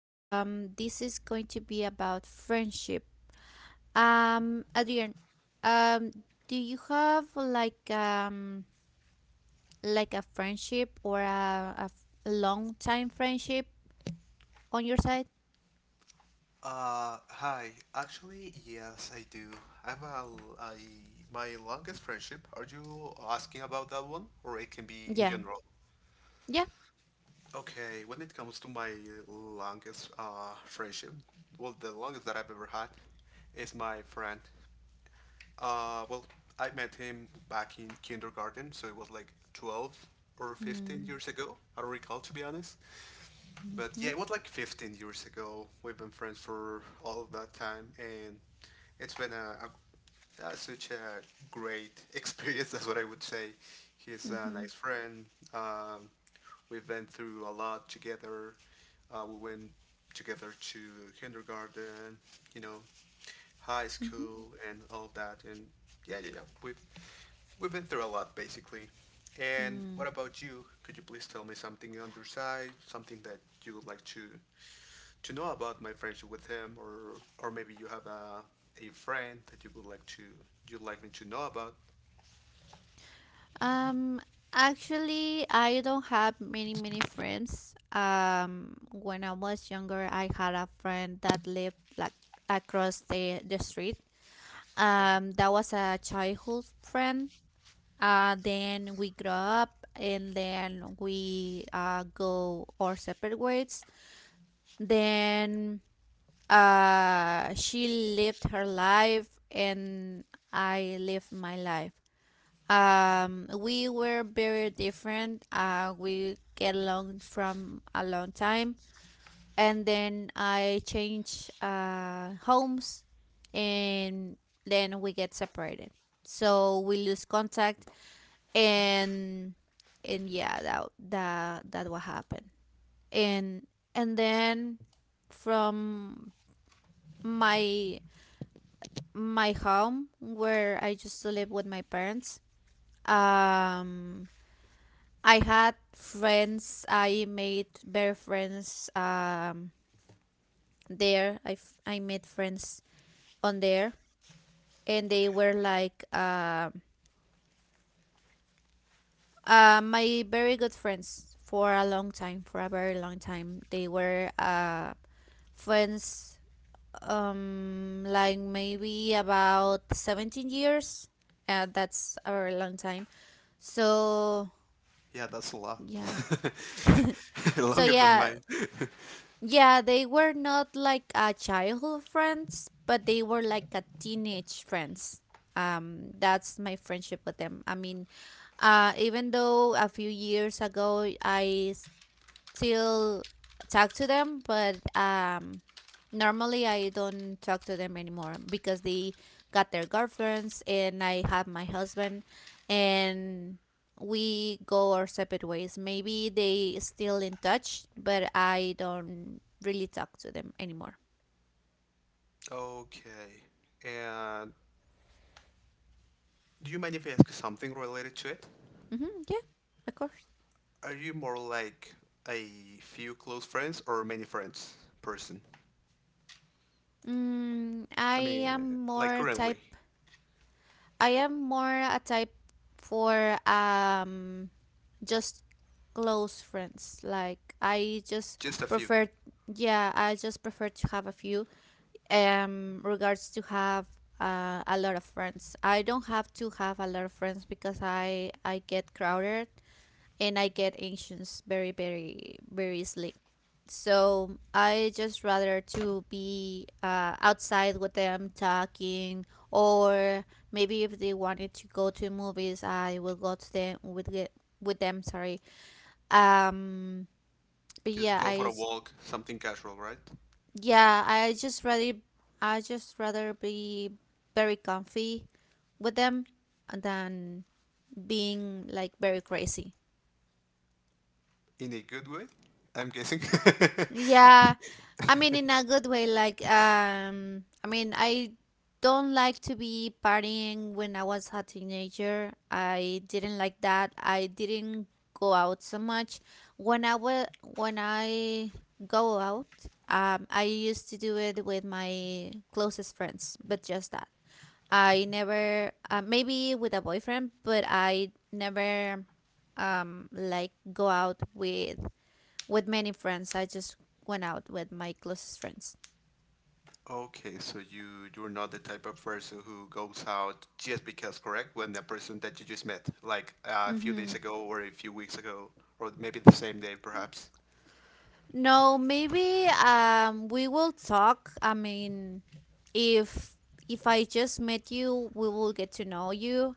This is going to be about friendship. Adrian, um, do you have like like a friendship or a long time friendship on your side? Hi. Actually, yes, I do. I've a, l- I, my longest friendship. Are you asking about that one, or it can be in Yeah, general? yeah. Okay, when it comes to my longest friendship, well, the longest that I've ever had is my friend. Uh, well, I met him back in kindergarten, so it was like 12 or 15 Mm-hmm. years ago. I don't recall, to be honest. But Mm-hmm. yeah, it was like 15 years ago. We've been friends for all of that time, and it's been a such a great experience. That's what I would say. He's a Mm-hmm. nice friend. Um, we've been through a lot together. We went together to kindergarten, you know, high Mm-hmm. school, and all of that. And yeah, yeah, yeah. We've been through a lot basically. And Mm-hmm. what about you? Could you please tell me something on your side, something that you would like to know about my friendship with him, or maybe you have a friend that you would like to you'd like me to know about. Um, Actually, I don't have many friends. When I was younger, I had a friend that lived like across the street. Okay, That was a childhood friend. Then we grew up and then we go our separate ways. Then she lived her life and I lived my life. We were very different. We get along from a long time, and then I changed homes, and then we get separated. So we lose contact, and yeah, that what happened. And and then from my my home where I used to live with my parents, um I had friends. I made better friends there. I made friends on there, and they were okay. like my very good friends for a long time. For a very long time, they were friends like maybe about 17 years that's a very long time so Yeah, that's a lot. yeah so Longer than yeah. mine. Yeah, they were not like a childhood friends, but they were like a teenage friends. That's my friendship with them. I mean, even though a few years ago I still talk to them, but normally I don't talk to them anymore because they got their girlfriends and I have my husband and we go our separate ways. Maybe they still in touch, but I don't really talk to them anymore. Okay. And do you mind if I ask something related to it? Yeah, of course. Are you more like a few close friends or many friends person? I I mean, am like more currently, type. I am more a type for just close friends. Like I just just a few. prefer yeah, I just prefer to have a few regards to have a lot of friends. I don't have to have a lot of friends because I get crowded and I get anxious very easily. So I just rather to be outside with them talking or maybe if they wanted to go to movies, I will go to them with them, sorry, um, but Just yeah, go for a walk, something casual, right? yeah. I just rather I just rather be very comfy with them than being like very crazy. In a good way, I'm guessing. Yeah. I mean, in a good way, like, I mean, I don't like to be partying when I was a teenager. I didn't like that. I didn't go out so much. When I go out, I used to do it with my closest friends, but just that. I never, maybe with a boyfriend, but I never, like go out with many friends. I just went out with my closest friends. Okay, so you're not the type of person who goes out just because, correct? When the person that you just met, like a few days Mm-hmm. ago or a few weeks ago, or maybe the same day, perhaps. No, maybe we will talk. I mean, if if I just met you, we will get to know you,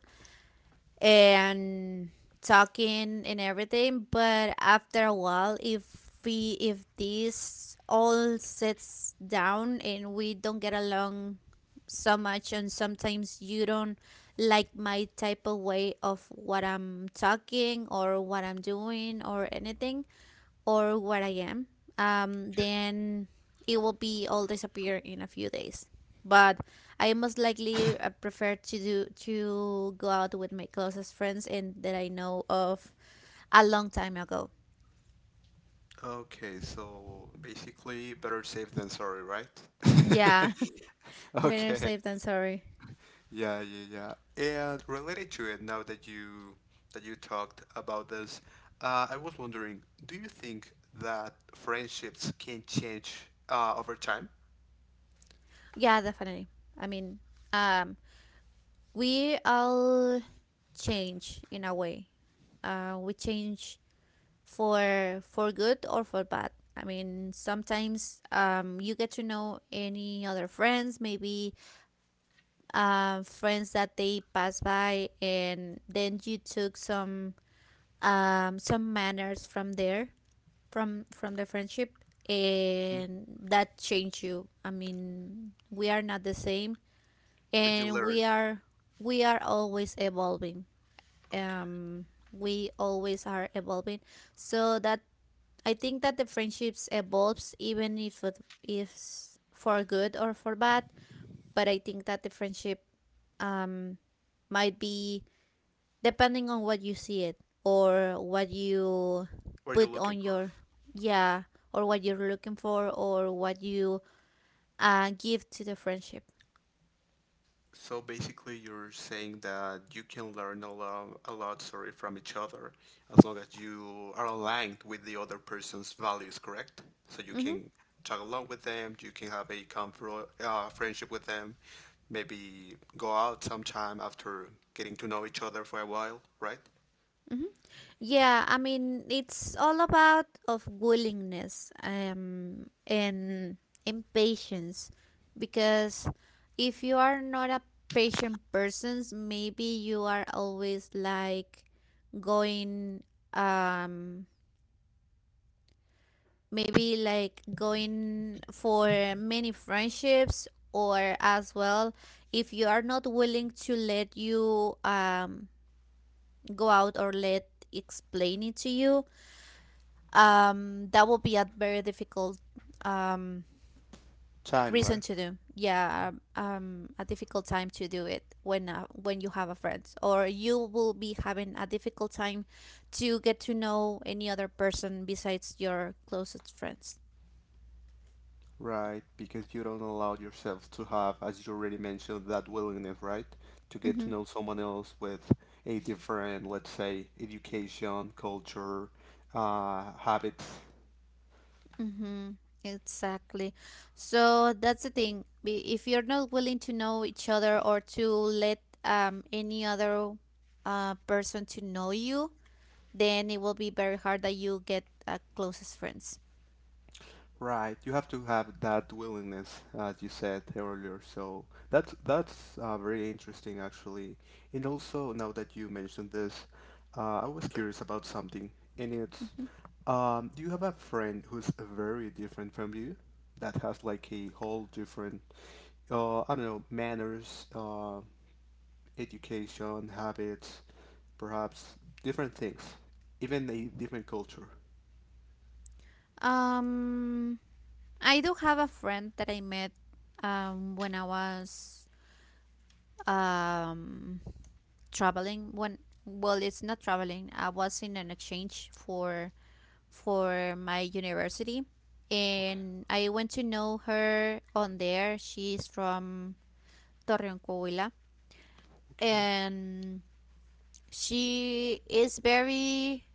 and talking and everything. But after a while, if we if this all sits down and we don't get along so much, and sometimes you don't like my type of way of what I'm talking or what I'm doing or anything or what I am, Okay. then it will be all disappear in a few days. But I most likely prefer to do to go out with my closest friends and that I know of a long time ago. Okay, so basically, better safe than sorry, right? Yeah, better Okay. safe than sorry. Yeah, yeah, yeah. And related to it, now that you talked about this, I was wondering, do you think that friendships can change over time? Yeah, definitely. I mean, um, we all change in a way. We change for good or for bad. I mean, sometimes you get to know any other friends, maybe friends that they pass by, and then you took some manners from there, from the friendship, and that changed you. I mean, we are not the same, But you and learn. We are always evolving. Okay. Um, we always are evolving, so that I think that the friendships evolves even if it is for good or for bad, but I think that the friendship um might be depending on what you see it or what you What are you put looking on for? your yeah, or what you're looking for or what you give to the friendship. So basically, you're saying that you can learn a lot, sorry, from each other as long as you are aligned with the other person's values, correct? So you Mhm. can tag along with them, you can have a comfort, friendship with them, maybe go out sometime after getting to know each other for a while, right? hmm Yeah, I mean, it's all about of willingness and impatience, because if you are not a patient person, maybe you are always like going um maybe like going for many friendships, or as well if you are not willing to let you go out or let explain it to you, that will be a very difficult um Time, reason right? to do, yeah, a difficult time to do it when you have a friend, or you will be having a difficult time to get to know any other person besides your closest friends. Right, because you don't allow yourself to have, as you already mentioned, that willingness, right? To get to Mm-hmm. know someone else with a different, let's say, education, culture, habits. Mm-hmm. Exactly. So that's the thing. If you're not willing to know each other or to let any other person to know you, then it will be very hard that you get closest friends. Right, you have to have that willingness, as you said earlier. So that's very interesting, actually. And also, now that you mentioned this, I was curious about something, and it's, Mhm. Do you have a friend who's very different from you, that has like a whole different, I don't know, manners, education, habits, perhaps different things, even a different culture? Um, I do have a friend that I met when I was um, traveling. When, well, it's not traveling. I was in an exchange for my university, Okay. and I went to know her on there. She's from Torreon, Coahuila, Okay, and she is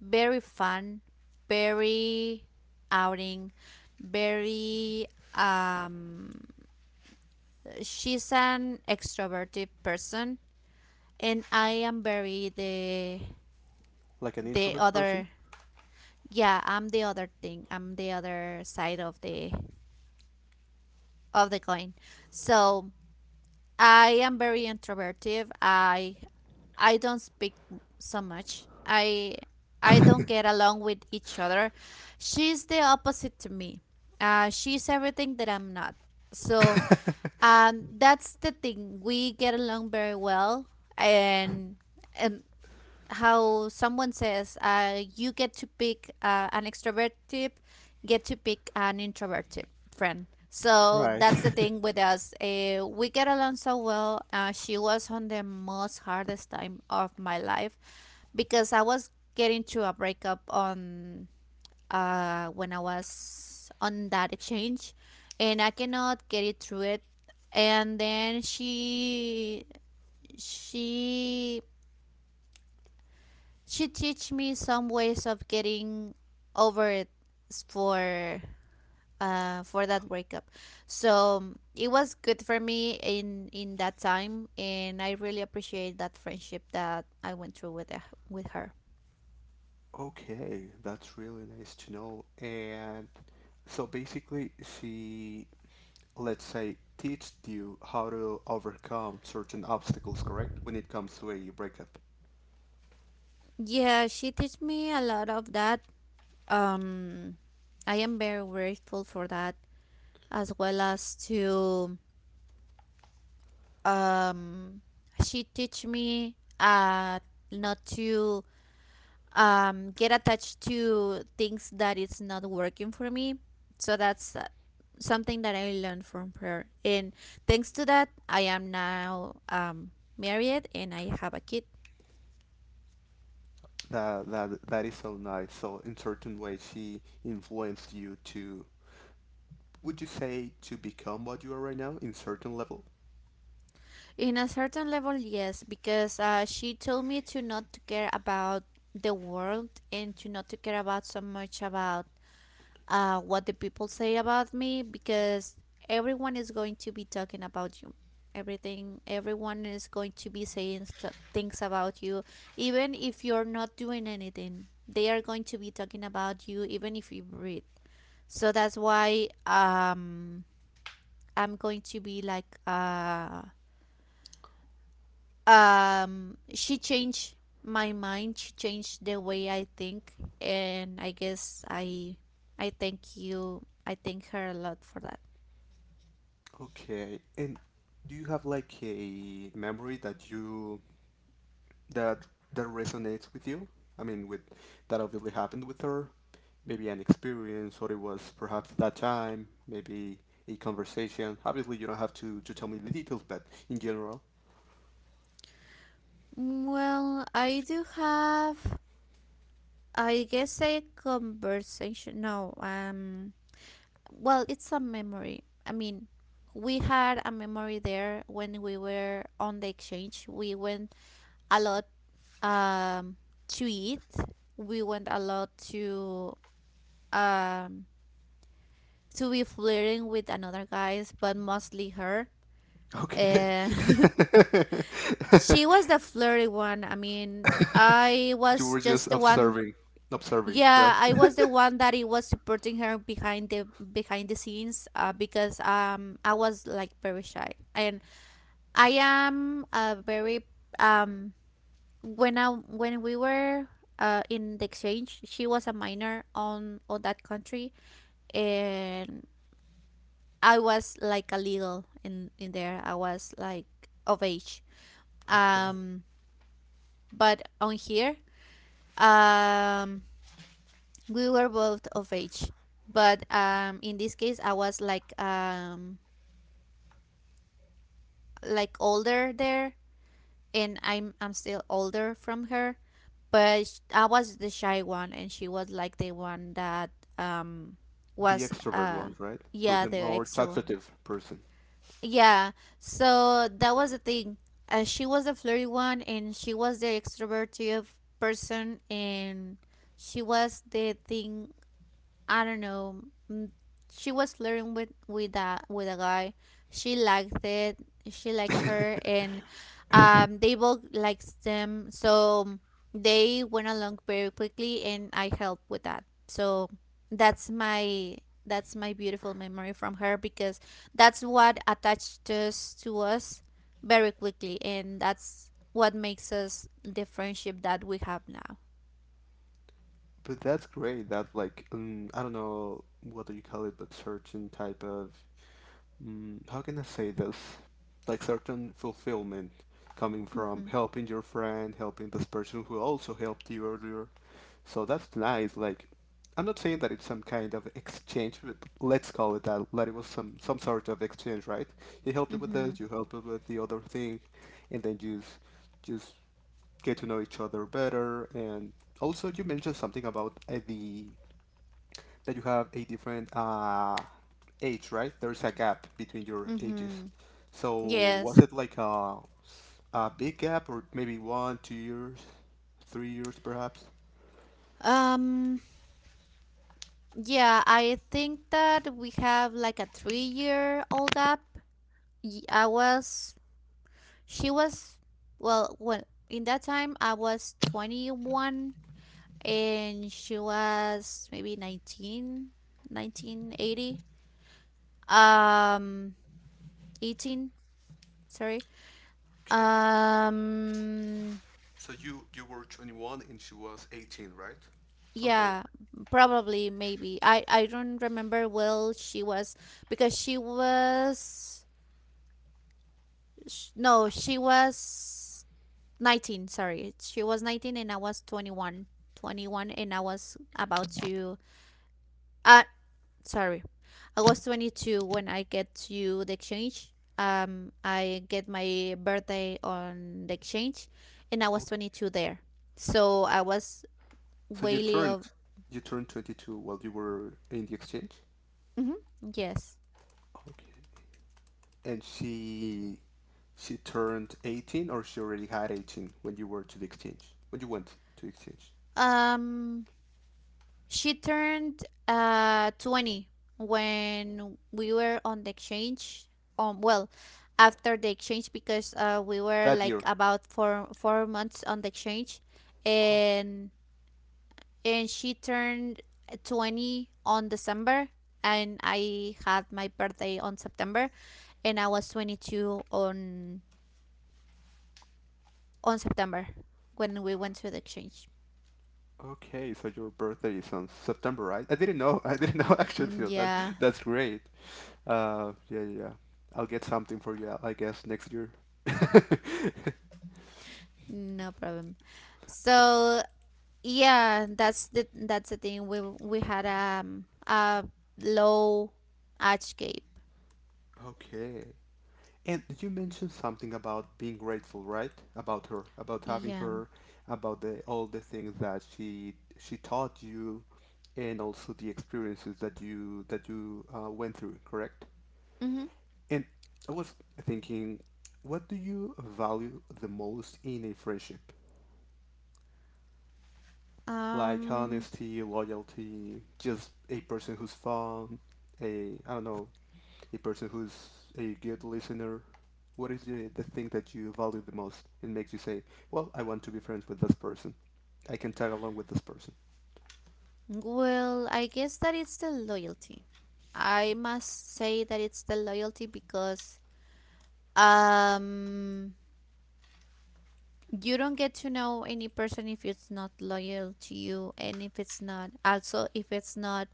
very fun, very outing, very um she's an extroverted person, and I am very like an the introvert person? other. Yeah, I'm the other thing. I'm the other side of the coin. So I am very introverted. I don't so much. I don't get along with each other. She's the opposite to me. She's everything that I'm not. So that's the thing. We get along very well, and and how someone says you get to pick an extrovert tip get to pick an introvert tip friend. So Right. that's the thing with us. We get along so well. She was on the most hardest time of my life, because I was getting to a breakup on when I was on that exchange, and I cannot get it through it. And then she she teach me some ways of getting over it for for that breakup. So it was good for me in that time, and I really appreciate that friendship that I went through with with her. Okay, that's really nice to know. And so basically, she, let's say, teached you how to overcome certain obstacles, correct? When it comes to a breakup. Yeah, she teach me a lot of that. um I am very grateful for that, as well as to um she teach me not to get attached to things that is not working for me. So that's something that I learned from prayer. And thanks to that, I am now married and I have a kid. That is so nice. So in certain ways, she influenced you to, would you say, to become what you are right now in certain level? In a certain level, yes, because she told me to not to care about the world, and to not to care about so much about what the people say about me, because everyone is going to be talking about you. Everything, everyone is going to be saying things about you, even if you're not doing anything. They are going to be talking about you, even if you breathe. So that's why I'm going to be like she changed my mind. She changed the way I think, and I guess I thank you, I thank her a lot for that. Okay. And do you have like a memory that that resonates with you? I mean, with that obviously happened with her. Maybe an experience, or it was perhaps that time, maybe a conversation. Obviously, you don't have to tell me the details, but in general, Well, I do have, I guess, a conversation. No, well, it's a memory. I mean, we had a memory there when we were on the exchange. We went a lot um to eat. We went a lot um to be flirting with another guys, but mostly her. okay. And she was the flirty one. I mean, I You was were just just the one. observing, observing, right? Yeah, I was the one that it was supporting her behind the scenes because I was like very shy, and I am a very um when I when we were in the exchange, she was a minor on that country. And I was like a little in there. I was like of age. Okay. Um, but on here, um, we were both of age. But in this case, I was like older there, and I'm still older from her. But I was the shy one, and she was like the one that um The was extrovert one, right? Who yeah, the the more extrovert. talkative person. Yeah, so that was the thing. She was the flirty one, and she was the extroverted person, and she was the thing, I don't know. mm, She was flirting with with a guy. She liked it. She liked her, and they both liked them. So they went along very quickly, and I helped with that. So that's my that's my beautiful memory from her, because that's what attached us very quickly, and that's what makes us the friendship that we have now. But that's great. That like I don't know what do you call it, but certain type of mm, how can I say this? Like certain fulfillment coming from Mhm. helping your friend, helping this person who also helped you earlier. So that's nice. Like I'm not saying that it's some kind of exchange, but let's call it that. That it was some sort of exchange, right? You helped it with this, Mhm. you helped it with the other thing, and then you just get to know each other better. And also, you mentioned something about the that you have a different age, right? There's a gap between your ages. Mhm. So was Yes. it like a big gap, or maybe one, 2 years, 3 years, perhaps? Um, yeah, I think that we have like a 3-year old gap. I was, she was, well, in that time I was 21 and she was maybe 19, 1980, um, 18, sorry. Okay. Um, So you were 21 and she was 18, right? Something like yeah, probably, maybe. I don't remember well. She was because she was Sh- No, she was 19, sorry. She was 19 and I was 21. 21, and I was about to, uh sorry. I was 22 when I get to the exchange. I get my birthday on the exchange and I that. was Okay. 22 there. So I was So you way turned of. you turned 22 while you were in the exchange? Mhm, yes. Okay. And she turned 18 or she already had 18 when you were to the exchange, when you went to the exchange Um she turned 20 when we were on the exchange. Well, after the exchange, because we were that like year. about four months on the exchange, Oh, and and she turned 20 on December, and I had my birthday on September, and I was 22 on September when we went to the exchange. okay, so your birthday is on September, right? I didn't know. I didn't know actually. Mm, That yeah, that's great. Yeah, yeah. yeah. I'll get something for you, I guess, next year. no problem. So yeah, that's the thing. We had a low age gap. Okay. And you mentioned something about being grateful, right? About her, about having Yeah. her, about the all the things that she taught you, and also the experiences that you went through, correct? Mm-hmm. And I was thinking, what do you value the most in a friendship? Like Um. honesty, loyalty, just a person who's fun, a I don't know, a person who's a good listener. What is the thing that you value the most and makes you say, "Well, I want to be friends with this person. I can tag along with this person." Well, I guess that it's the loyalty. I must say that it's the loyalty, because um you don't get to know any person if it's not loyal to you, and if it's not also if it's not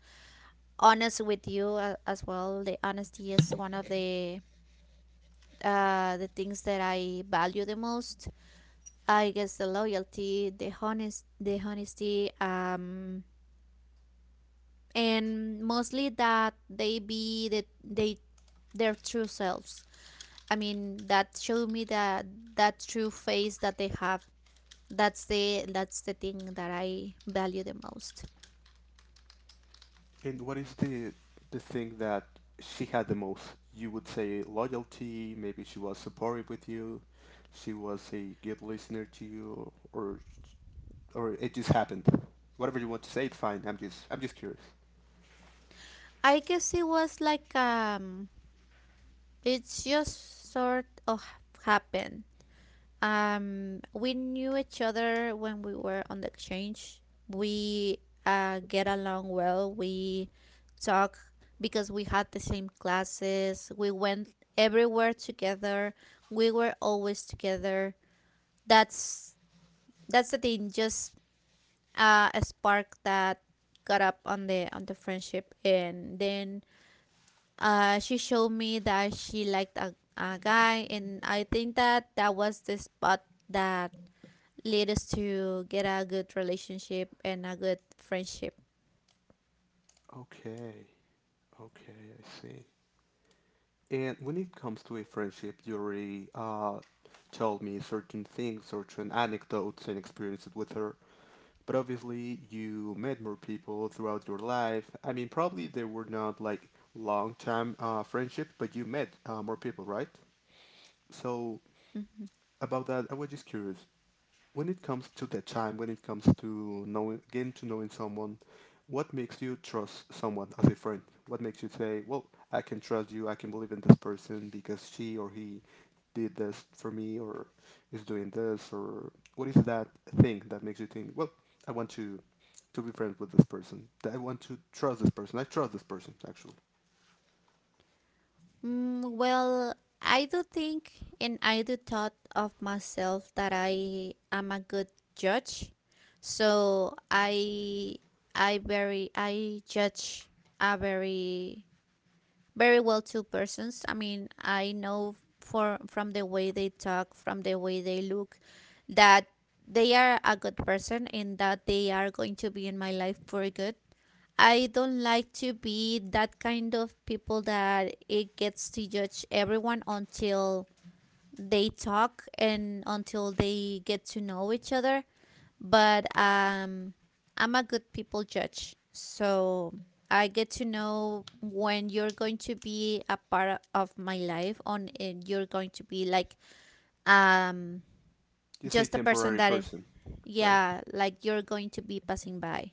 honest with you as well. The honesty is one of the things that I value the most. I guess the loyalty, the honesty, and mostly that they be their true selves. I mean, that show me that true face that they have. That's the thing that I value the most. And what is the thing that she had the most? You would say loyalty. Maybe she was supportive with you. She was a good listener to you, or it just happened. Whatever you want to say, it's fine. I'm just curious. I guess it was like, it's just sort of happened. We knew each other when we were on the exchange. We, get along well. We talk because we had the same classes. We went everywhere together. We were always together. That's that's the thing. Just, a spark that got up on the friendship, and then, she showed me that she liked a guy, and I think that that was the spot that lead us to get a good relationship and a good friendship. Okay, okay, I see. And when it comes to a friendship, you already told me certain things, certain anecdotes and experiences with her. But obviously, you met more people throughout your life. I mean, probably they were not like long-time friendships, but you met more people, right? So, Mhm. about that, I was just curious. When it comes to that time, when it comes to knowing, getting to knowing someone, what makes you trust someone as a friend? What makes you say, "Well, I can trust you. I can believe in this person because she or he did this for me, or is doing this, or what is that thing that makes you think, well, I want to be friends with this person. That I want to trust this person. I trust this person actually. Mm, well, I do think and I do thought of myself that I am a good judge. So I judge a very, very well two persons. I mean, I know for from the way they talk, from the way they look that they are a good person and that they are going to be in my life for good. I don't like to be that kind of people that it gets to judge everyone until they talk and until they get to know each other. But, I'm a good people judge, so I get to know when you're going to be a part of my life, on and you're going to be like, um You say just a person temporary that, person, right? yeah, like you're going to be passing by.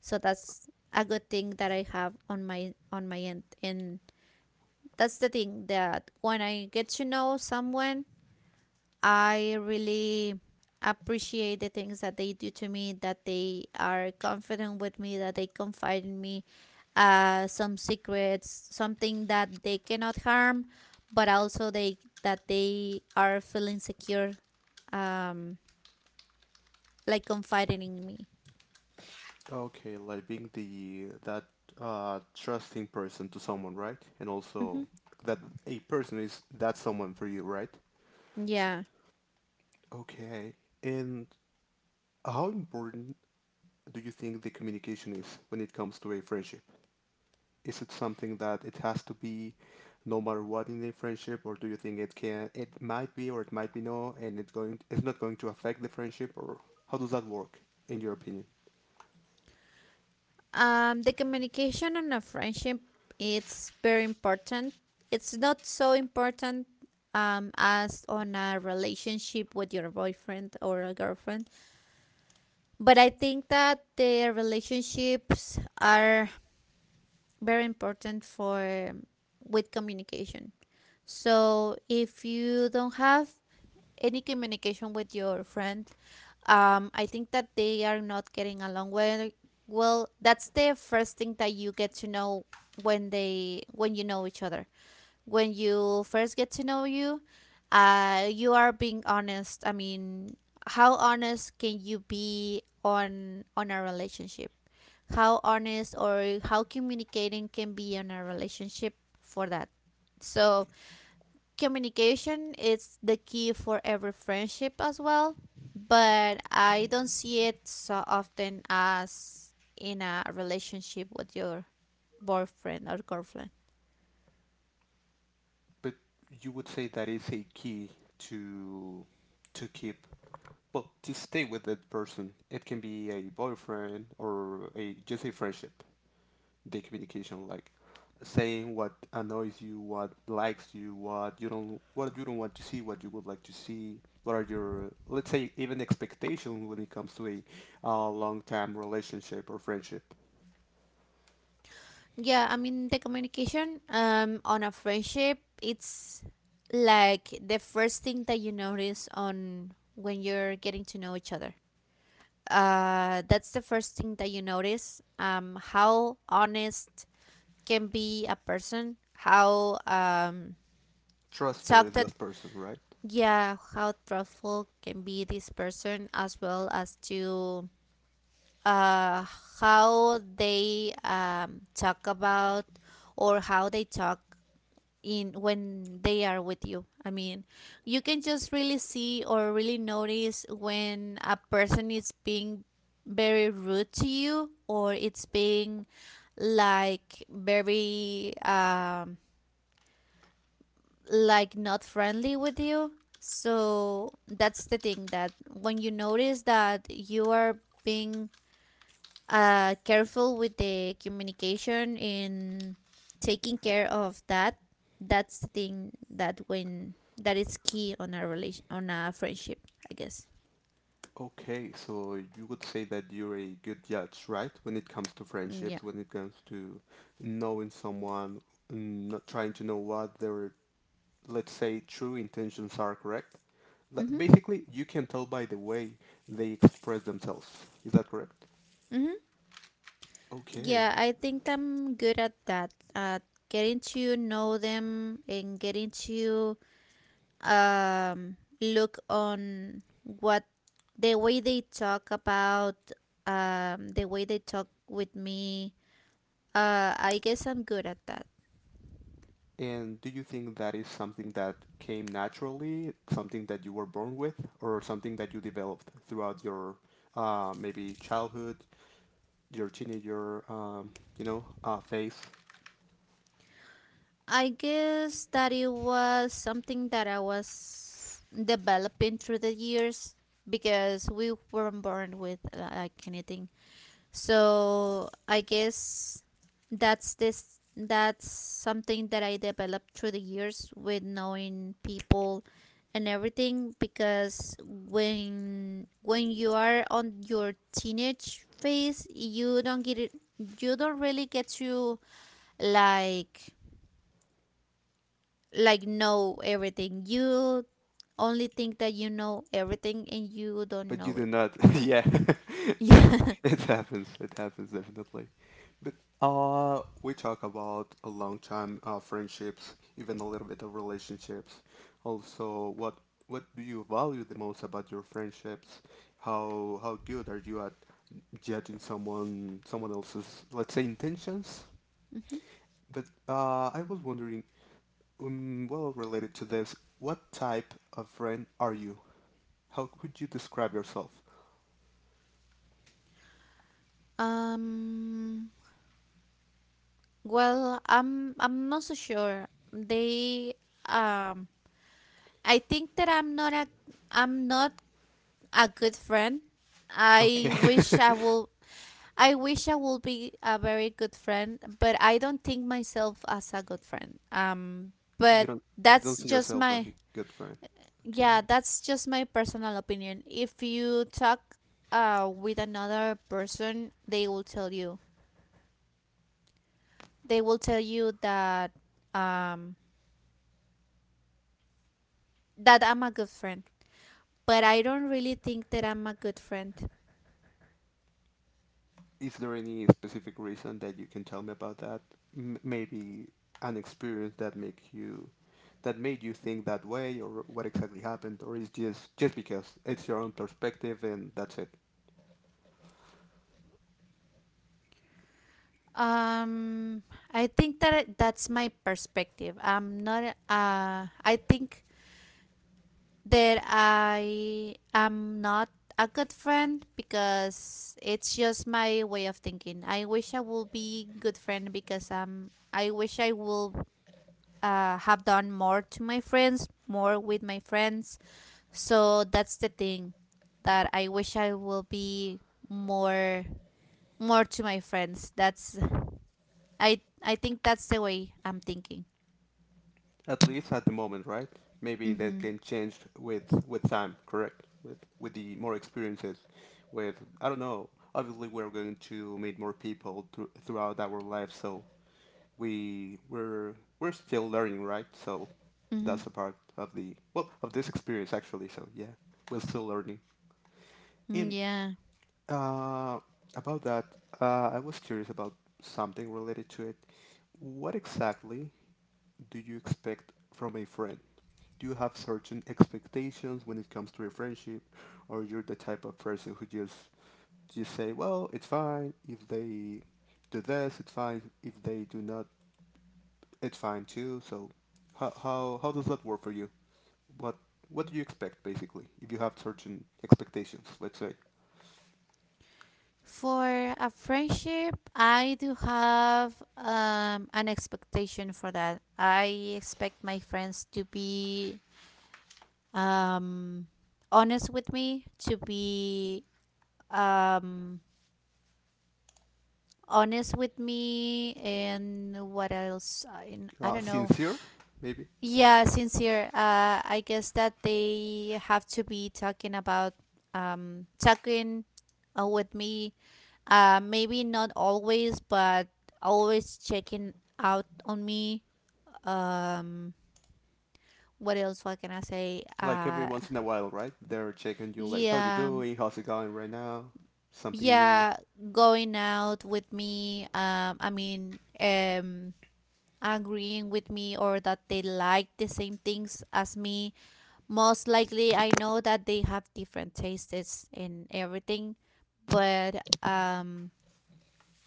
So that's a good thing that I have on my end, and that's the thing that when I get to know someone, I really appreciate the things that they do to me, that they are confident with me, that they confide in me, some secrets, something that they cannot harm, but also they that they are feeling secure, um, like confiding in me. Okay, like being the that trusting person to someone, right? And Hmm, also that a person is that someone for you, right? S yeah. okay. And how important do you think the communication is when it comes to a friendship? Is it something that it has to be no matter what in a friendship, or do you think it might be or it might be no, and it's not going to affect the friendship, or how does that work in your opinion? The communication on a friendship, it's very important. It's not so important, as on a relationship with your boyfriend or a girlfriend, but I think that the relationships are very important for with communication. So if you don't have any communication with your friend, I think that they are not getting along well. Well, that's the first thing that you get to know when you know each other. When you first get to know you, you are being honest. I mean, how honest can you be on a relationship? How honest, or how communicating can be on a relationship for that? So communication is the key for every friendship as well, but I don't see it so often as in a relationship with your boyfriend or girlfriend. But you would say that is a key to to keep well to stay with that person. It can be a boyfriend or a just a friendship. The communication, like saying what annoys you, what likes you, what you don't want to see, what you would like to see. What are your let's say even expectations when it comes to a, long time relationship or friendship? Yeah, I mean the communication, on a friendship, it's like the first thing that you notice on when you're getting to know each other. That's the first thing that you notice, how honest can be a person, how, Trustful talk is that, that person, right? yeah, how truthful can be this person, as well as to, uh how they, talk about, or how they talk in when they are with you. I mean, you can just really see or really notice when a person is being very rude to you, or it's being like very, like not friendly with you. So that's the thing, that when you notice that you are being, careful with the communication in taking care of that, that's the thing that when that is key on a relation on a friendship, I guess. Okay, so you would say that you're a good judge, right? When it comes to Yeah. friendships, when it comes to knowing someone, mm, not trying to know what their, let's say, true intentions are, correct? Li- Mhm. Basically, you can tell by the way they express themselves. Is that correct? Mhm. Okay. Yeah, I think I'm good at that. At getting to know them and getting to, look on what the way they talk about, the way they talk with me. I guess I'm good at that. And do you think that is something that came naturally, something that you were born with, or something that you developed throughout your maybe childhood your teenager, you know, phase, I guess that it was something that I was developing through the years, because we weren't born with, like, anything. So I guess that's something that I developed through the years with knowing people and everything, because when you are on your teenage phase, you don't get it, you don't really get to, like, know everything. You only think that you know everything and you don't but you know do it. not. yeah, yeah, Yeah. it happens. It happens definitely. But we talk about a long time friendships, even a little bit of relationships. Also, what do you value the most about your friendships? How good are you at judging someone else's let's say intentions Mhm. But I was wondering, well, related to this, what type of friend are you? How would you describe yourself? Um Well, I'm not so sure. They, um I think that I'm not a good friend. Okay. I wish I will I wish I will be a very good friend, but I don't think myself as a good friend. Um you but don't you don't that's see just yourself as my a good friend. yeah, Okay. that's just my personal opinion. If you talk, with another person, they will tell you. They will tell you um that I'm a good friend, but I don't really think that I'm a good friend. Is there any specific reason that you can tell me about that? M- maybe an experience that make you that made you think that way, or what exactly happened, or is just because it's your own perspective and that's it. Um, I think that that's my perspective. I'm not. I think that I am not a good friend because it's just my way of thinking. I wish I would be good friend, because, I wish I will, have done more to my friends, more with my friends. So that's the thing that I wish I will be more more to my friends. That's I think that's the way I'm thinking. At least at the moment, right? Maybe that Mhm. can change with time, correct? With the more experiences, with I don't know. Obviously, we're going to meet more people throughout our life, so we're we're still learning, right? So Mhm. that's a part of the well of this experience actually. So yeah, we're still learning. Mm, And yeah. uh, about that, I was curious about something related to it. What exactly do you expect from a friend? Do you have certain expectations when it comes to a friendship, or you're the type of person who just say, "Well, it's fine if they do this, it's fine if they do not, it's fine too." So, how does that work for you? What what do you expect basically if you have certain expectations? Let's say. For a friendship, I do have, an expectation for that. I expect my friends to be, um honest with me, to be, um honest with me, and what else, I don't know. Sincere, maybe. Yeah, sincere. I guess that they have to be talking about, talking, with me. Maybe not always, but always checking out on me. Um, what else? What can I say? Like every once in a while, right? They're checking you, like, how you Yeah, doing? How's it going right now? Something new. yeah, going out with me. I mean, agreeing with me, or that they like the same things as me. Most likely, I know that they have different tastes in everything, but,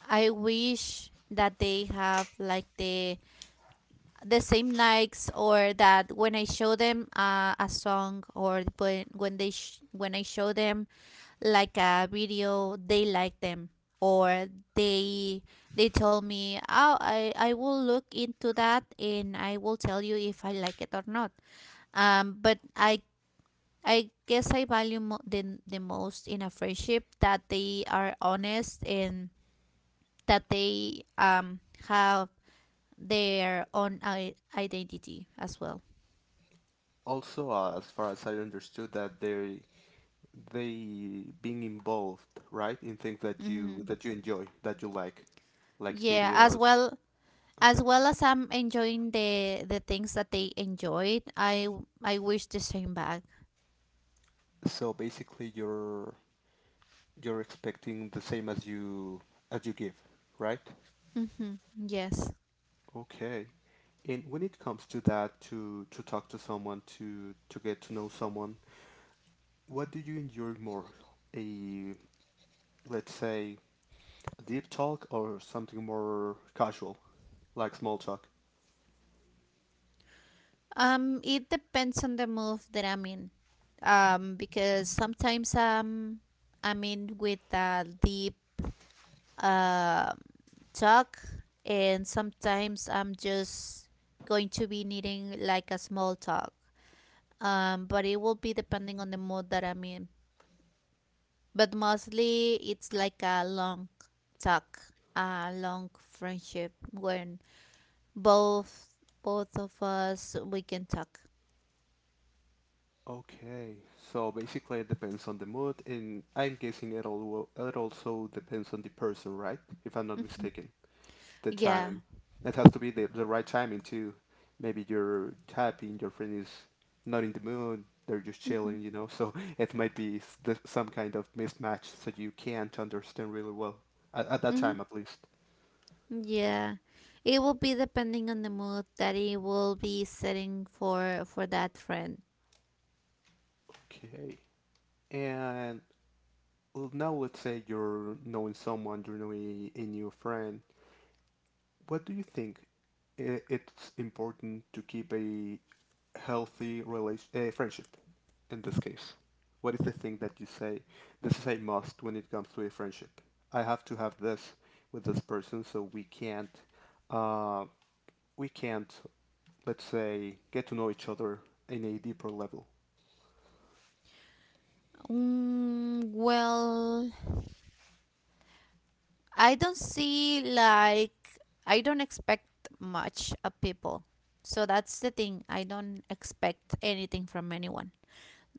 I wish that they have like the same likes, or that when I show them, a song, or when I show them like a video, they like them, or they they tell me, oh, I will look into that and I will tell you if I like it or not. But I guess I value the most in a friendship, that they are honest, and that they, have their own identity as well. Also, as far as I understood, that they being involved, right, in things that you Hmm. that you enjoy, that you like Yeah, videos. As Okay. well as I'm enjoying the things that they enjoyed, I wish the same back. So basically, you're expecting the same as you give, right? Hmm. Yes. Okay. And when it comes to that, to talk to someone, to get to know someone, what do you enjoy more? A, let's say, a deep talk or something more casual, like small talk? It depends on the mood that I'm in. Because sometimes, I'm in with a deep, um talk, and sometimes I'm just going to be needing like a small talk. But it will be depending on the mood that I'm in. But mostly it's like a long talk, a long friendship, when both both of us we can talk. Okay, so basically it depends on the mood, and I'm guessing it all, it also depends on the person, right? If I'm not Hmm, mistaken, the yeah. time. It has to be the right timing too. Maybe you're happy and your friend is not in the mood. They're just Hmm. chilling, you know. So it might be some kind of mismatch, so you can't understand really well at that Hmm, time, at least. yeah, it will be depending on the mood that it will be setting for that friend. Okay. And now let's say you're knowing someone, you're knowing a new friend. What do you think it's important to keep a healthy relation, a friendship in this case? What is the thing that you say, this is a must when it comes to a friendship? I have to have this with this person so uh, we can't, let's say, get to know each other in a deeper level. Mm, well, I don't see like I don't expect much of people. So that's the thing. I don't expect anything from anyone.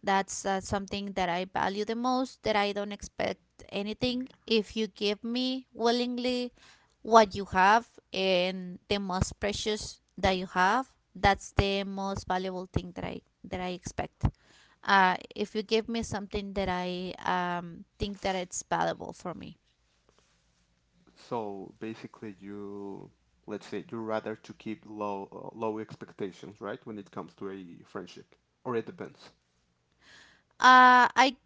That's, something that I value the most, that I don't expect anything. If you give me willingly what you have and the most precious that you have, that's the most valuable thing that I expect. If you give me something that I, think that it's valuable for me. So basically, you, let's say you rather to keep low low expectations, right? When it comes to a friendship, or it depends. Uh, I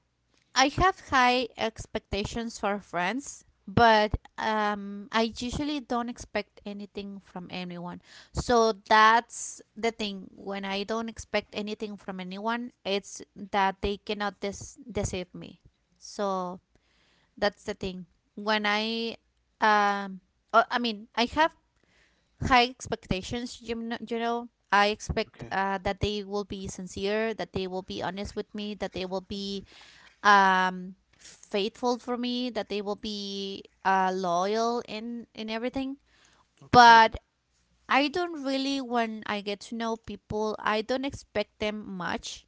I have high expectations for friends, but I usually don't expect anything from anyone. So that's the thing. When I don't expect anything from anyone, it's that they cannot deceive me. So that's the thing. When I, um, oh, I mean, I have high expectations. I expect Okay. That they will be sincere, that they will be honest with me, that they will be faithful for me, that they will be loyal in everything. Okay. But I don't really, when I get to know people, I don't expect them much.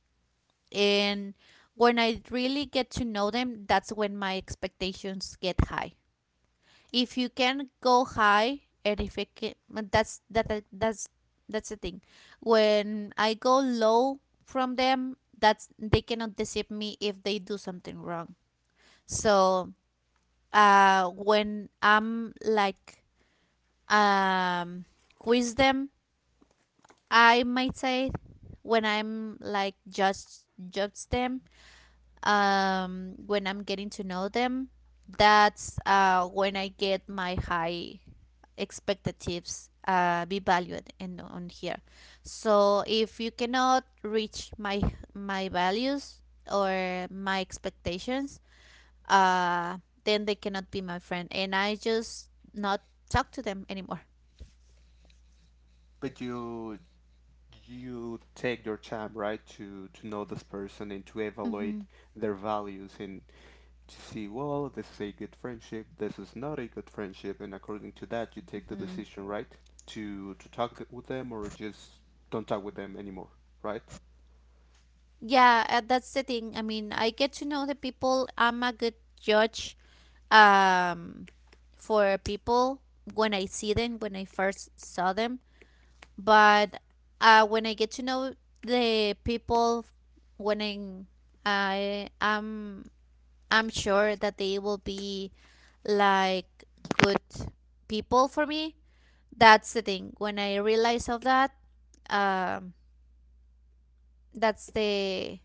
And when I really get to know them, that's when my expectations get high. If you can go high, and if it can, that's that that- that's the thing. When I go low from them, that's they cannot deceive me if they do something wrong. So when I'm like, um, quiz them, I might say, when I'm like judge them, when I'm getting to know them, that's when I get my high expectatives be valued and on here. So if you cannot reach my values or my expectations, uh then they cannot be my friend, and I just not talk to them anymore. But you take your time, right, to know this person and to Mm-hmm. evaluate their values and to see, well, this is a good friendship, this is not a good friendship, and according to that, you take the Mm-hmm. decision, right, to talk with them or just don't talk with them anymore, right? Yeah, that's the thing. I mean, I get to know the people. I'm a good judge um for people when I see them, when I first saw them. But when I get to know the people, when I'm I am I'm sure that they will be, like, good people for me, that's the thing. When I realize of that, um that's the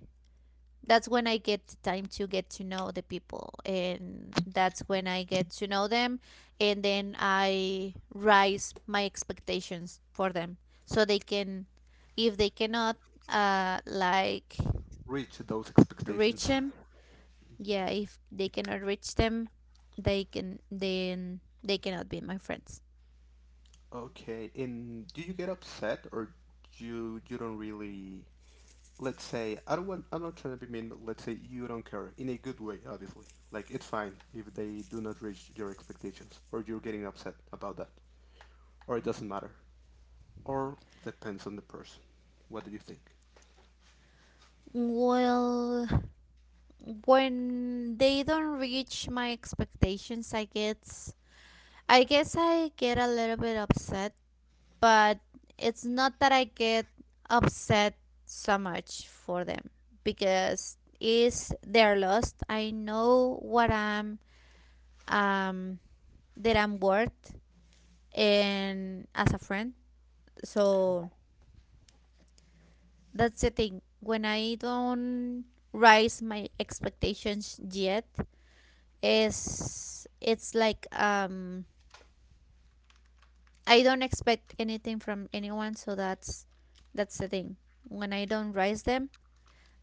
that's when I get the time to get to know the people, and that's when I get to know them. And then I rise my expectations for them. So they can, if they cannot, like, Reach those expectations. reach them. Yeah, if they cannot reach them, they can then they cannot be my friends. Okay, and do you get upset or you don't really, let's say, I don't want, I'm not trying to be mean, but let's say you don't care in a good way, obviously. Like it's fine if they do not reach your expectations or you're getting upset about that. Or it doesn't matter. Or depends on the person. What do you think? Well, when they don't reach my expectations, I guess I get a little bit upset. But it's not that I get upset so much for them, because is their lost. I know what I'm um that I'm worth, and as a friend. Okay. So that's the thing. When I don't rise my expectations yet, is it's like, I don't expect anything from anyone, so that's the thing. When I don't raise them,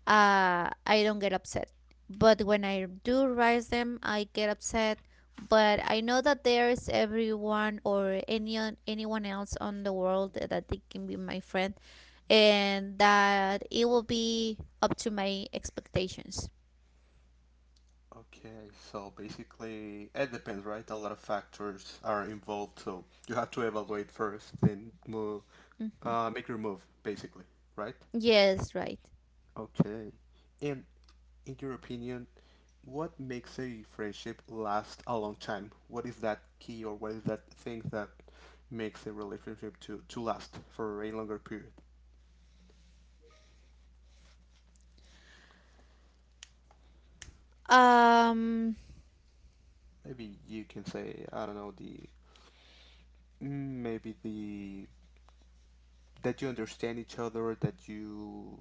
I don't get upset. But when I do raise them, I get upset. But I know that there is everyone or anyone else on the world that they can be my friend, and that it will be up to my expectations. Okay, so basically it depends, right? A lot of factors are involved, so you have to evaluate first and move, Hmm. Make your move basically, right? Yes, right. Okay. And in your opinion, what makes a friendship last a long time? What is that key or what is that thing that makes a relationship to last for a longer period? Um, Maybe you can say, I don't know, the, maybe the, that you understand each other, that you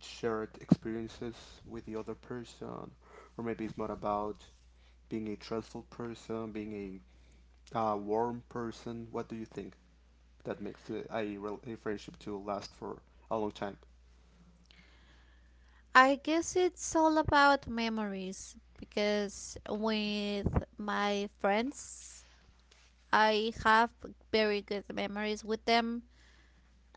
shared experiences with the other person, or maybe it's more about being a trustful person, being a warm person. What do you think that makes the, a, a friendship to last for a long time? I guess it's all about memories because with my friends, I have very good memories with them.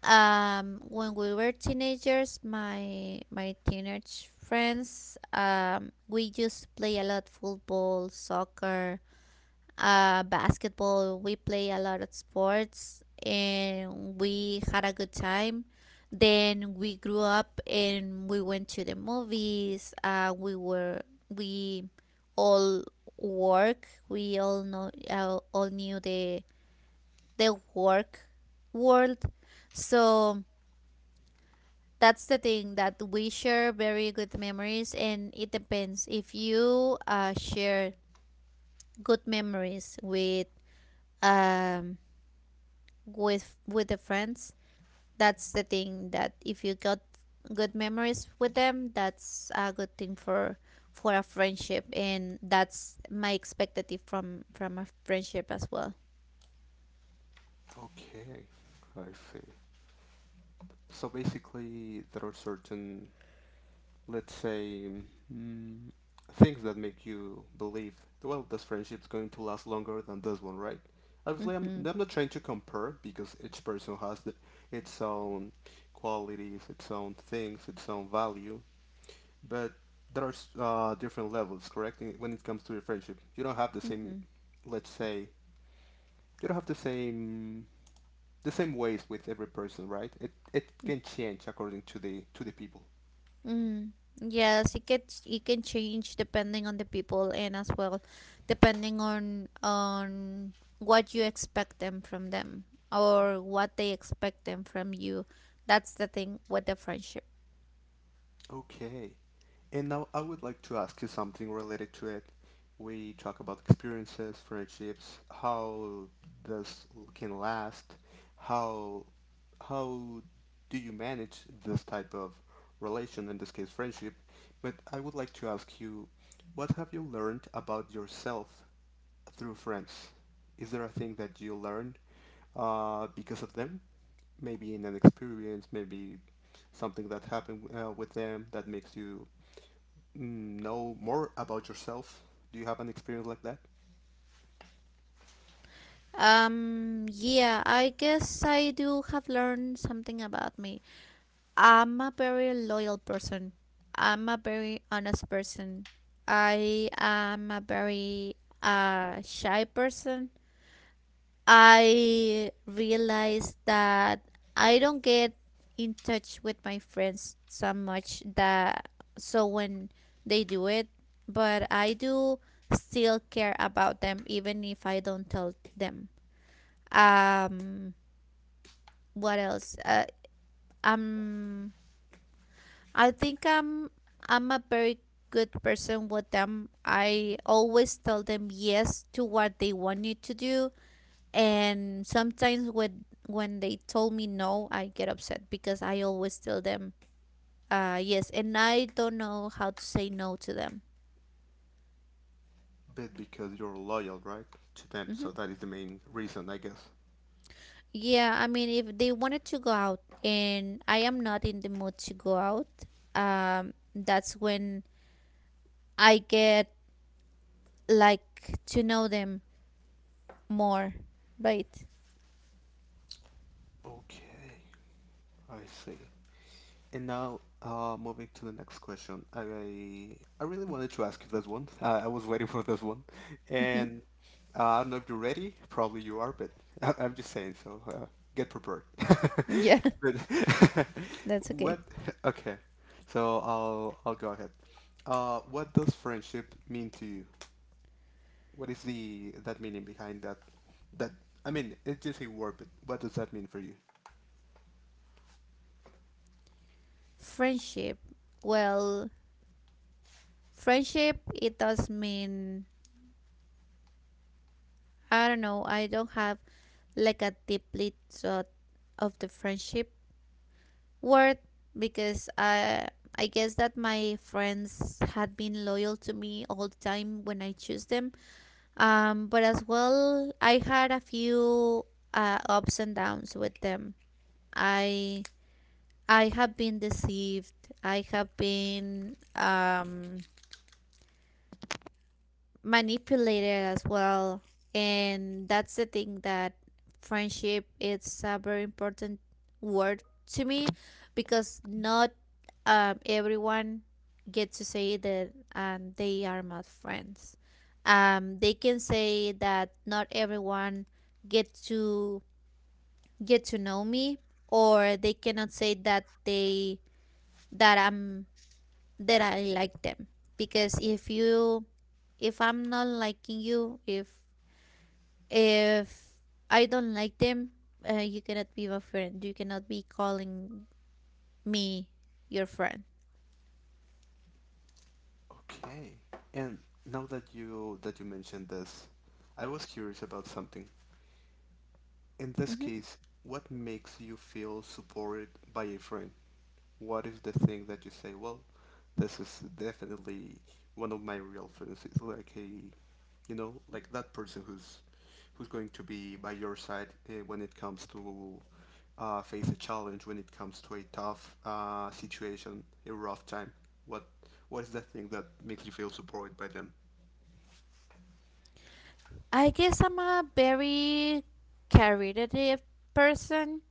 When we were teenagers, my teenage friends, we used to play a lot football, soccer, basketball. We play a lot of sports and we had a good time. Then we grew up and we went to the movies. We were we all work we all know all knew the work world. So that's the thing, that we share very good memories. And it depends if you share good memories with, um with the friends. That's the thing, that if you got good memories with them, that's a good thing for a friendship, and that's my expectative from a friendship as well. Okay, I see. So basically, there are certain, let's say, mm, things that make you believe, well, this friendship's going to last longer than this one, right? Obviously, Mm-hmm. I'm not trying to compare because each person has the, its own qualities, its own things, its own value. But there are different levels, correct? When it comes to your friendship, you don't have the same, Mm-hmm. let's say, you don't have the same, the same ways with every person, right? It can change according to the, to the people. Mm-hmm. Yes, it can change depending on the people, and as well depending on what you expect them from them, or what they expect them from you. That's the thing with the friendship. Okay. And now I would like to ask you something related to it. We talk about experiences, friendships, how this can last, how how do you manage this type of relation, in this case friendship? But I would like to ask you, what have you learned about yourself through friends? Is there a thing that you learned because of them? Maybe in an experience, maybe something that happened with them that makes you know more about yourself? Do you have an experience like that? Yeah, I guess I do have learned something about me. I'm a very loyal person. I'm a very honest person. I am a very shy person. I realize that I don't get in touch with my friends so much that so when they do it, but I do still care about them even if I don't tell them. Um, what else? Um, I think I'm a very good person with them. I always tell them yes to what they want me to do, and sometimes when they told me no, I get upset because I always tell them yes, and I don't know how to say no to them. But because you're loyal, right, to them, Hmm. so that is the main reason, I guess. Yeah, I mean, if they wanted to go out and I am not in the mood to go out, that's when I get, like, to know them more, right? Okay, I see. And now, moving to the next question, I really wanted to ask you this one. I was waiting for this one, Hmm. and I don't know if you're ready. Probably you are, but I, I'm just saying. So get prepared. Yeah, But that's okay. what? Okay, so I'll go ahead. What does friendship mean to you? What is the, that meaning behind that? That, I mean, it's just a word, but what does that mean for you? Friendship. Well, friendship, it does mean, I don't know, I don't have like a deeply thought of the friendship word because I. I guess that my friends had been loyal to me all the time when I choose them. But as well, I had a few ups and downs with them. I I have been deceived. I have been manipulated as well, and that's the thing, that friendship it's a very important word to me, because not everyone gets to say that they are not friends. They can say that not everyone get to get to know me, or they cannot say that they that I'm that I like them, because if I'm not liking you, if I don't like them, you cannot be my friend, you cannot be calling me your friend. Okay. And now that you mentioned this, I was curious about something. In this Hmm. case, what makes you feel supported by a friend? What is the thing that you say, well, this is definitely one of my real friends. It's like a, you know, like that person who's going to be by your side when it comes to face a challenge, when it comes to a tough situation, a rough time. What what is that thing that makes you feel supported by them? I guess I'm a very caritative person.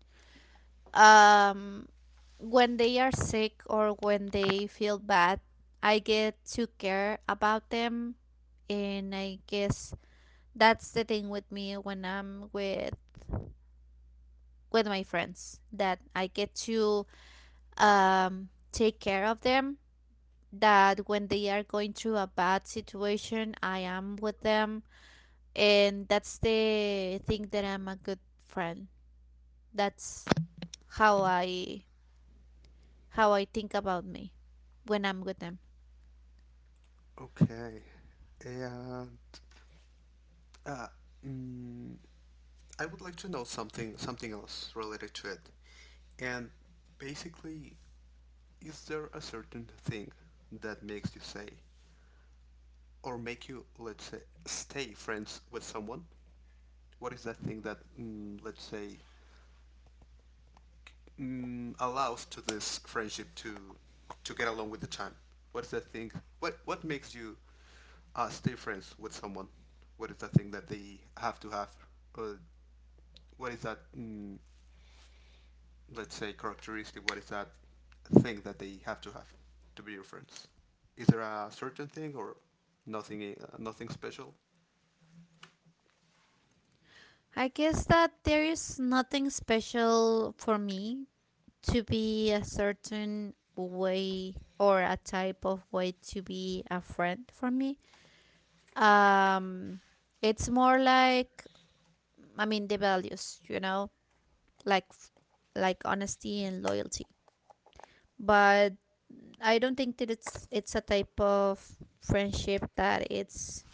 um when they are sick or when they feel bad, I get to care about them, and I guess that's the thing with me, when I'm with my friends, that I get to take care of them. That when they are going through a bad situation, I am with them, and that's the thing that I'm a good friend. That's how I think about me when I'm with them. Okay. And uh, mm, I would like to know something else related to it. And basically, is there a certain thing that makes you say or make you, let's say, stay friends with someone? What is that thing that, let's say, allows to this friendship to get along with the time? What's that thing? What makes you stay friends with someone? What is that thing that they have to have? Uh, what is that, let's say, characteristic, what is that thing that they have to be your friends? Is there a certain thing or nothing, nothing special? I guess that there is nothing special for me to be a certain way or a type of way to be a friend for me. um it's more like, I mean, the values, like like honesty and loyalty, but I don't think that it's a type of friendship that it's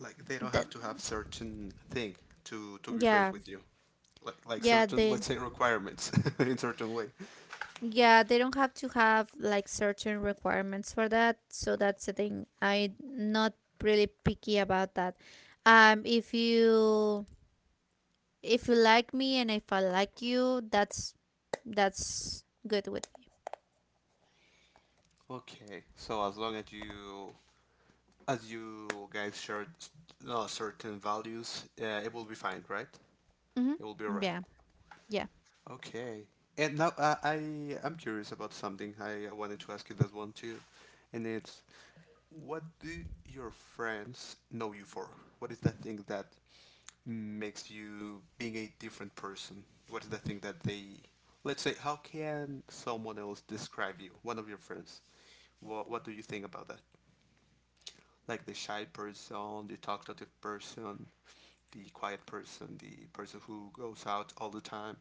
Like they don't that. have to have certain thing to be friends Yeah, with you, like yeah, certain, they let's say, requirements in certain way. yeah, they don't have to have like certain requirements for that. So that's the thing, I'm not really picky about that. um if you if you like me and if I like you, that's good with. Okay, so as long as you, as you guys share certain values, it will be fine, right? Mm-hmm. It will be all right. Yeah, yeah. Okay. And now I, I'm curious about something. I wanted to ask you that one too, and it's, what do your friends know you for? What is that thing that makes you being a different person? What is the thing that they, let's say, how can someone else describe you? One of your friends. What do you think about that? Like the shy person, the talkative person, the quiet person, the person who goes out all the time,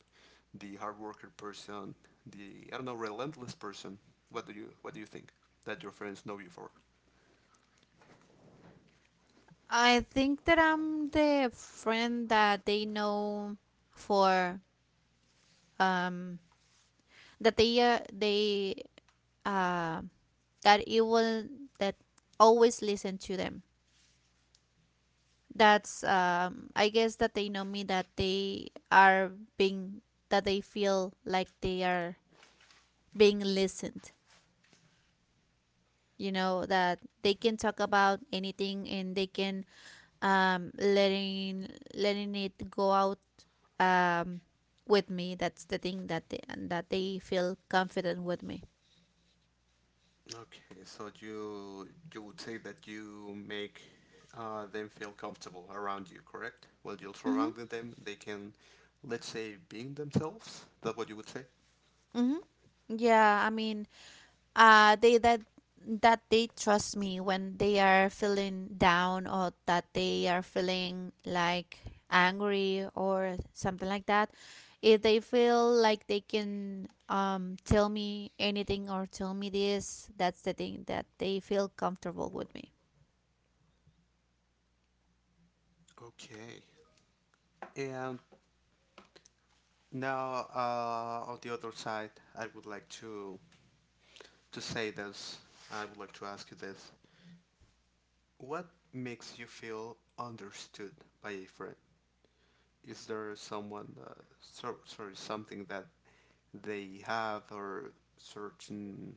the hard worker person, the I don't know, relentless person. What do you, what do you think that your friends know you for? I think that I'm the friend that they know for, um that they, uh that it was, that always listen to them. That's, I guess that they know me, that they are being that they feel like they are being listened. You know that they can talk about anything, and they can, um letting letting it go out, um, with me. That's the thing that they, and that they feel confident with me. Okay, so you would say that you make them feel comfortable around you, correct? Well, you're Mhm. surrounding them. They can, let's say, being themselves. That's what you would say. Mhm. Yeah, I mean, they that that they trust me when they are feeling down, or that they are feeling like angry or something like that. If they feel like they can, tell me anything or tell me this, that's the thing that they feel comfortable with me. Okay. And now, on the other side, I would like to say this. I would like to ask you this: what makes you feel understood by a friend? Is there someone, sorry, something that they have, or certain,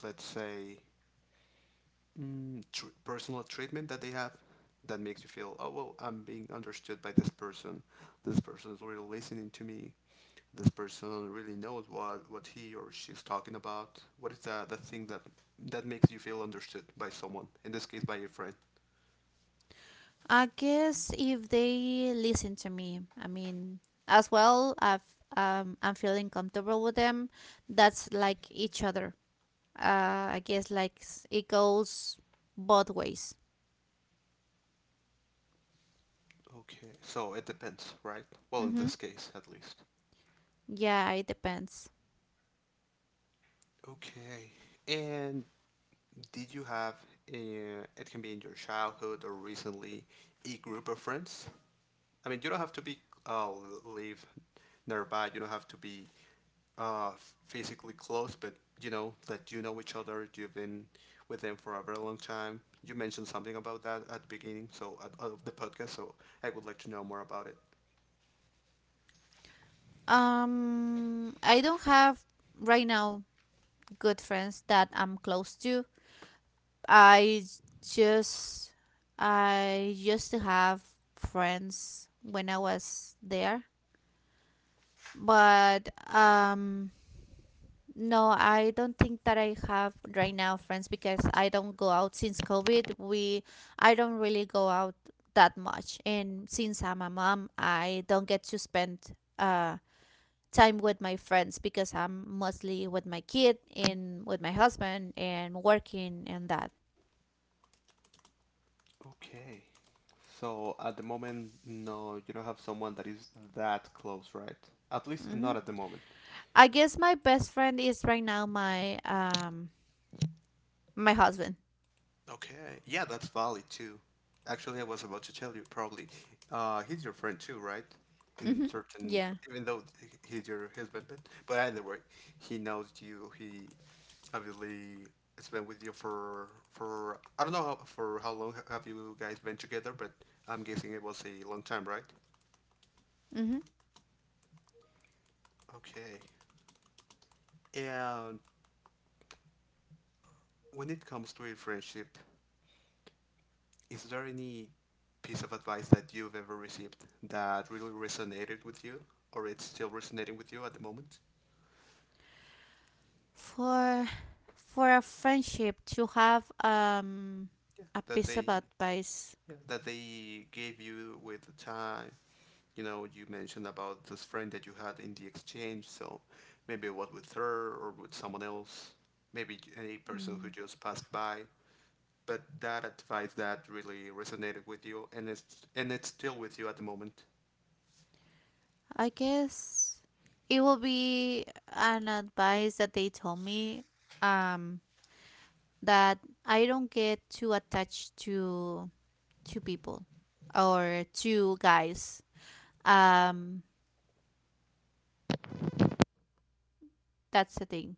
let's say, personal treatment that they have that makes you feel, oh well, I'm being understood by this person. This person is really listening to me. This person really knows what he or she's talking about? What is the thing that, that makes you feel understood by someone? In this case, by your friend. I guess if they listen to me, I mean, as well, I'm feeling comfortable with them. That's like each other. I guess, like it goes both ways. Okay, so it depends, right? Well, in Mm-hmm. this case, at least. Yeah, it depends. Okay, and did you have, uh, it can be in your childhood or recently, a group of friends? I mean, you don't have to be uh, live nearby. You don't have to be uh, physically close, but you know that you know each other. You've been with them for a very long time. You mentioned something about that at the beginning, so at, of the podcast. So I would like to know more about it. I don't have right now good friends that I'm close to. I just, I used to have friends when I was there, but no, I don't think that I have right now friends, because I don't go out since COVID. We I don't really go out that much. And since I'm a mom, I don't get to spend time with my friends, because I'm mostly with my kid and with my husband and working and that. Okay. So at the moment, no, you don't have someone that is that close, right? At least Hmm. not at the moment. I guess my best friend is right now my husband. Okay. Yeah, that's valid too. Actually, I was about to tell you probably. He's your friend too, right? In Hmm. certain, Yeah. even though he's your husband, but either way, he knows you. He obviously has been with you for I don't know how, for how long have you guys been together, but I'm guessing it was a long time, right? Hmm. Okay. And when it comes to a friendship, is there any piece of advice that you've ever received that really resonated with you, or it's still resonating with you at the moment? For for a friendship to have a That piece of they advice, Yeah, that they gave you with the time. You know, you mentioned about this friend that you had in the exchange, so maybe it was with her or with someone else, maybe any person who mm, just passed by. But that advice that really resonated with you, and it's still with you at the moment. I guess it will be an advice that they told me, um that I don't get too attached to people or to guys. Um that's the thing,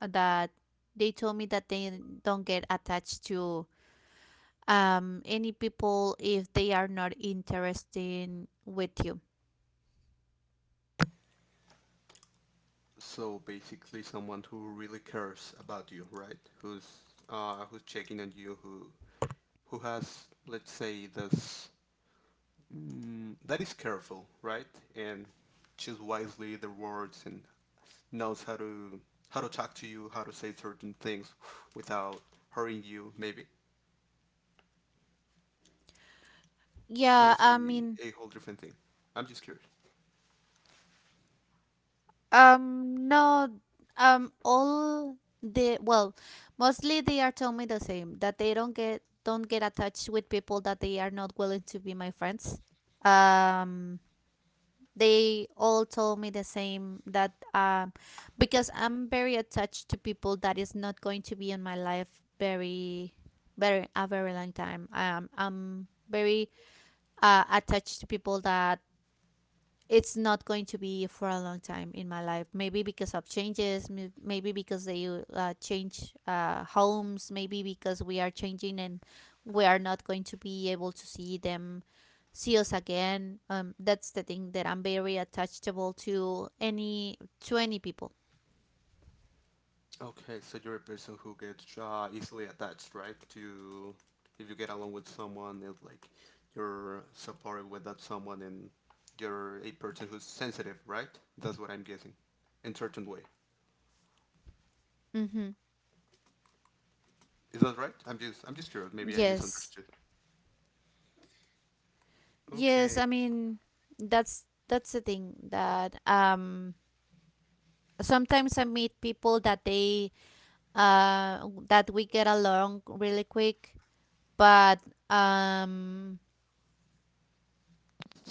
that they told me that they don't get attached to any people if they are not interested with you. So basically, someone who really cares about you, right? Who's who's checking on you? Who has, let's say, this that is careful, right? And choose wisely their words and knows how to talk to you, how to say certain things without hurting you, maybe. Or Yeah, is I mean, a whole different thing. I'm just curious. No, all the well, mostly they are telling me the same, that they don't get attached with people that they are not willing to be my friends. um they all told me the same, that, because I'm very attached to people that is not going to be in my life, very long time. I'm very attached to people that it's not going to be for a long time in my life. Maybe because of changes, maybe because they change homes, maybe because we are changing and we are not going to be able to see them, see us again. That's the thing, that I'm very attachable to any people. Okay, so you're a person who gets easily attached, right? To if you get along with someone, it, like you're supported with that someone, and you're a person who's sensitive, right? That's what I'm guessing, in certain way. Mm-hmm. Is that right? I'm just curious. Maybe I Yes, misunderstood. yes. I Okay. mean, that's the thing that, sometimes I meet people that they that we get along really quick, but um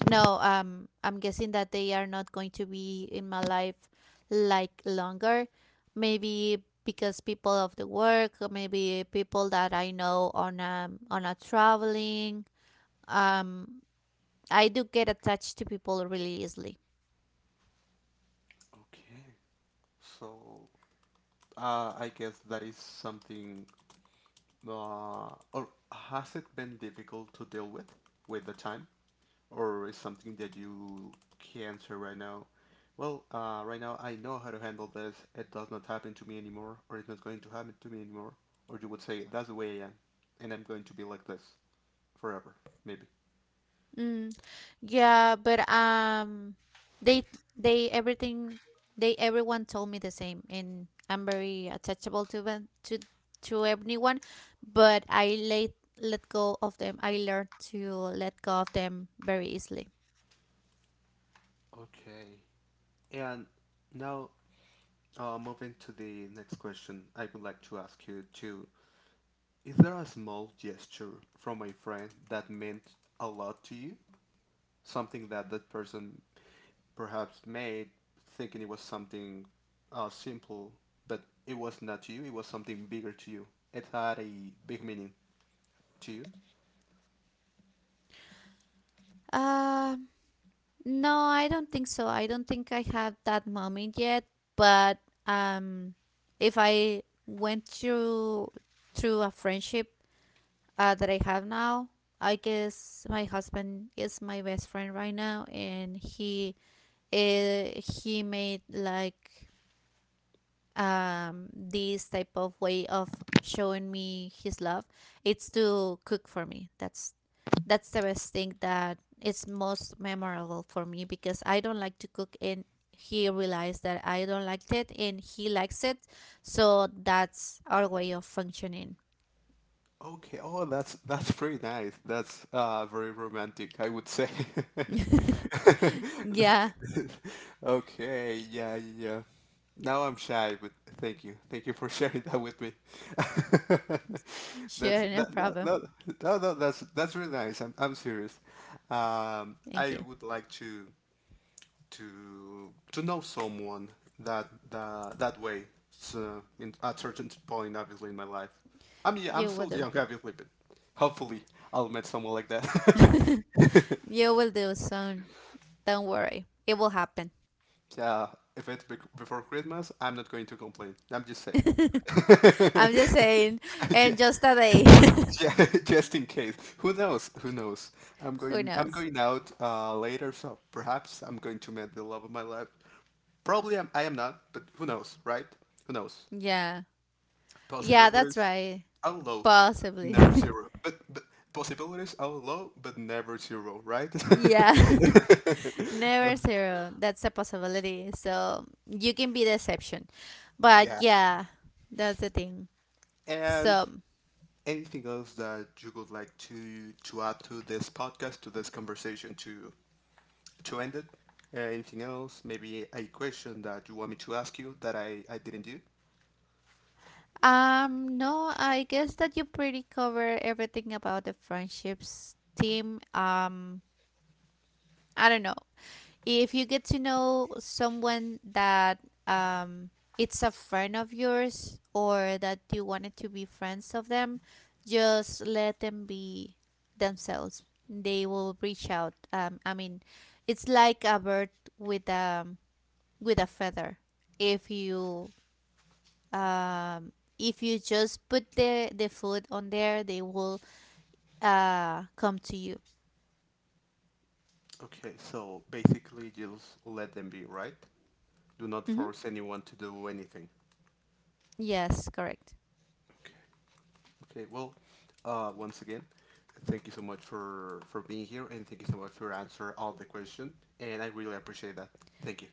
no, I'm guessing that they are not going to be in my life, like, longer, maybe because people of the work, or maybe people that I know on a, traveling. um I do get attached to people really easily. Okay. So I guess that is something. Or has it been difficult to deal with the time? Or is something that you can not answer right now? Well, right now I know how to handle this. It does not happen to me anymore, or it's not going to happen to me anymore. Or you would say that's the way I am, and I'm going to be like this forever, maybe. Mm, yeah, but they they everything they everyone told me the same, and I'm very attachable to them, to everyone, but I let go of them. I learned to let go of them very easily. Okay. And now, moving to the next question, I would like to ask you to: is there a small gesture from a friend that meant a lot to you? Something that that person perhaps made thinking it was something simple, but it was not to you, it was something bigger to you. It had a big meaning to you. Um, no, I don't think so. I don't think I have that moment yet, but um, if I went through a friendship that I have now. I guess my husband is my best friend right now, and he made, like, this type of way of showing me his love. It's to cook for me. That's the best thing that is most memorable for me, because I don't like to cook, and he realized that I don't like it, and he likes it. So that's our way of functioning. Okay. Oh, that's pretty nice. That's very romantic, I would say. Yeah, Okay. Yeah. Yeah. Now I'm shy, but thank you. Thank you for sharing that with me. That's sure, no that no problem. no no no that's really nice. I'm serious. Thank I you. would like to know someone that way. So in, at certain point, obviously in my life, I mean I'm You will still do. young, obviously, but hopefully I'll meet someone like that. You will do soon. Don't worry. It will happen. Yeah, if it's before Christmas, I'm not going to complain. I'm just saying. I'm just saying. Yeah, And just a day. yeah, just in case. Who knows? Who knows? Who I'm knows? going out later, so perhaps I'm going to meet the love of my life. I am not, but who knows, right? Who knows? Yeah. Yeah, that's Possibilities right. are low, but Possibly. never zero. But possibilities are low, but never zero, right? Yeah. Uh, Never zero. That's a possibility. So you can be the exception. But yeah. yeah, that's the thing. And So anything else that you would like to add to this podcast, to this conversation, to end it? Anything else? Maybe a question that you want me to ask you that I didn't do? No, I guess that you pretty cover everything about the friendships team. I don't know. If you get to know someone that, um it's a friend of yours, or that you wanted to be friends of them, just let them be themselves. They will reach out. I mean, it's like a bird with, with a feather. if you um if you just put the food on there, they will come to you. Okay, so basically just let them be, right? Do not Hmm. force anyone to do anything. Yes, correct. Okay. Okay, well, once again, thank you so much for being here, and thank you so much for answer all the question, and I really appreciate that. Thank you.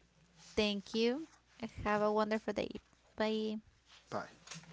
Thank you. Have a wonderful day. Bye. Bye.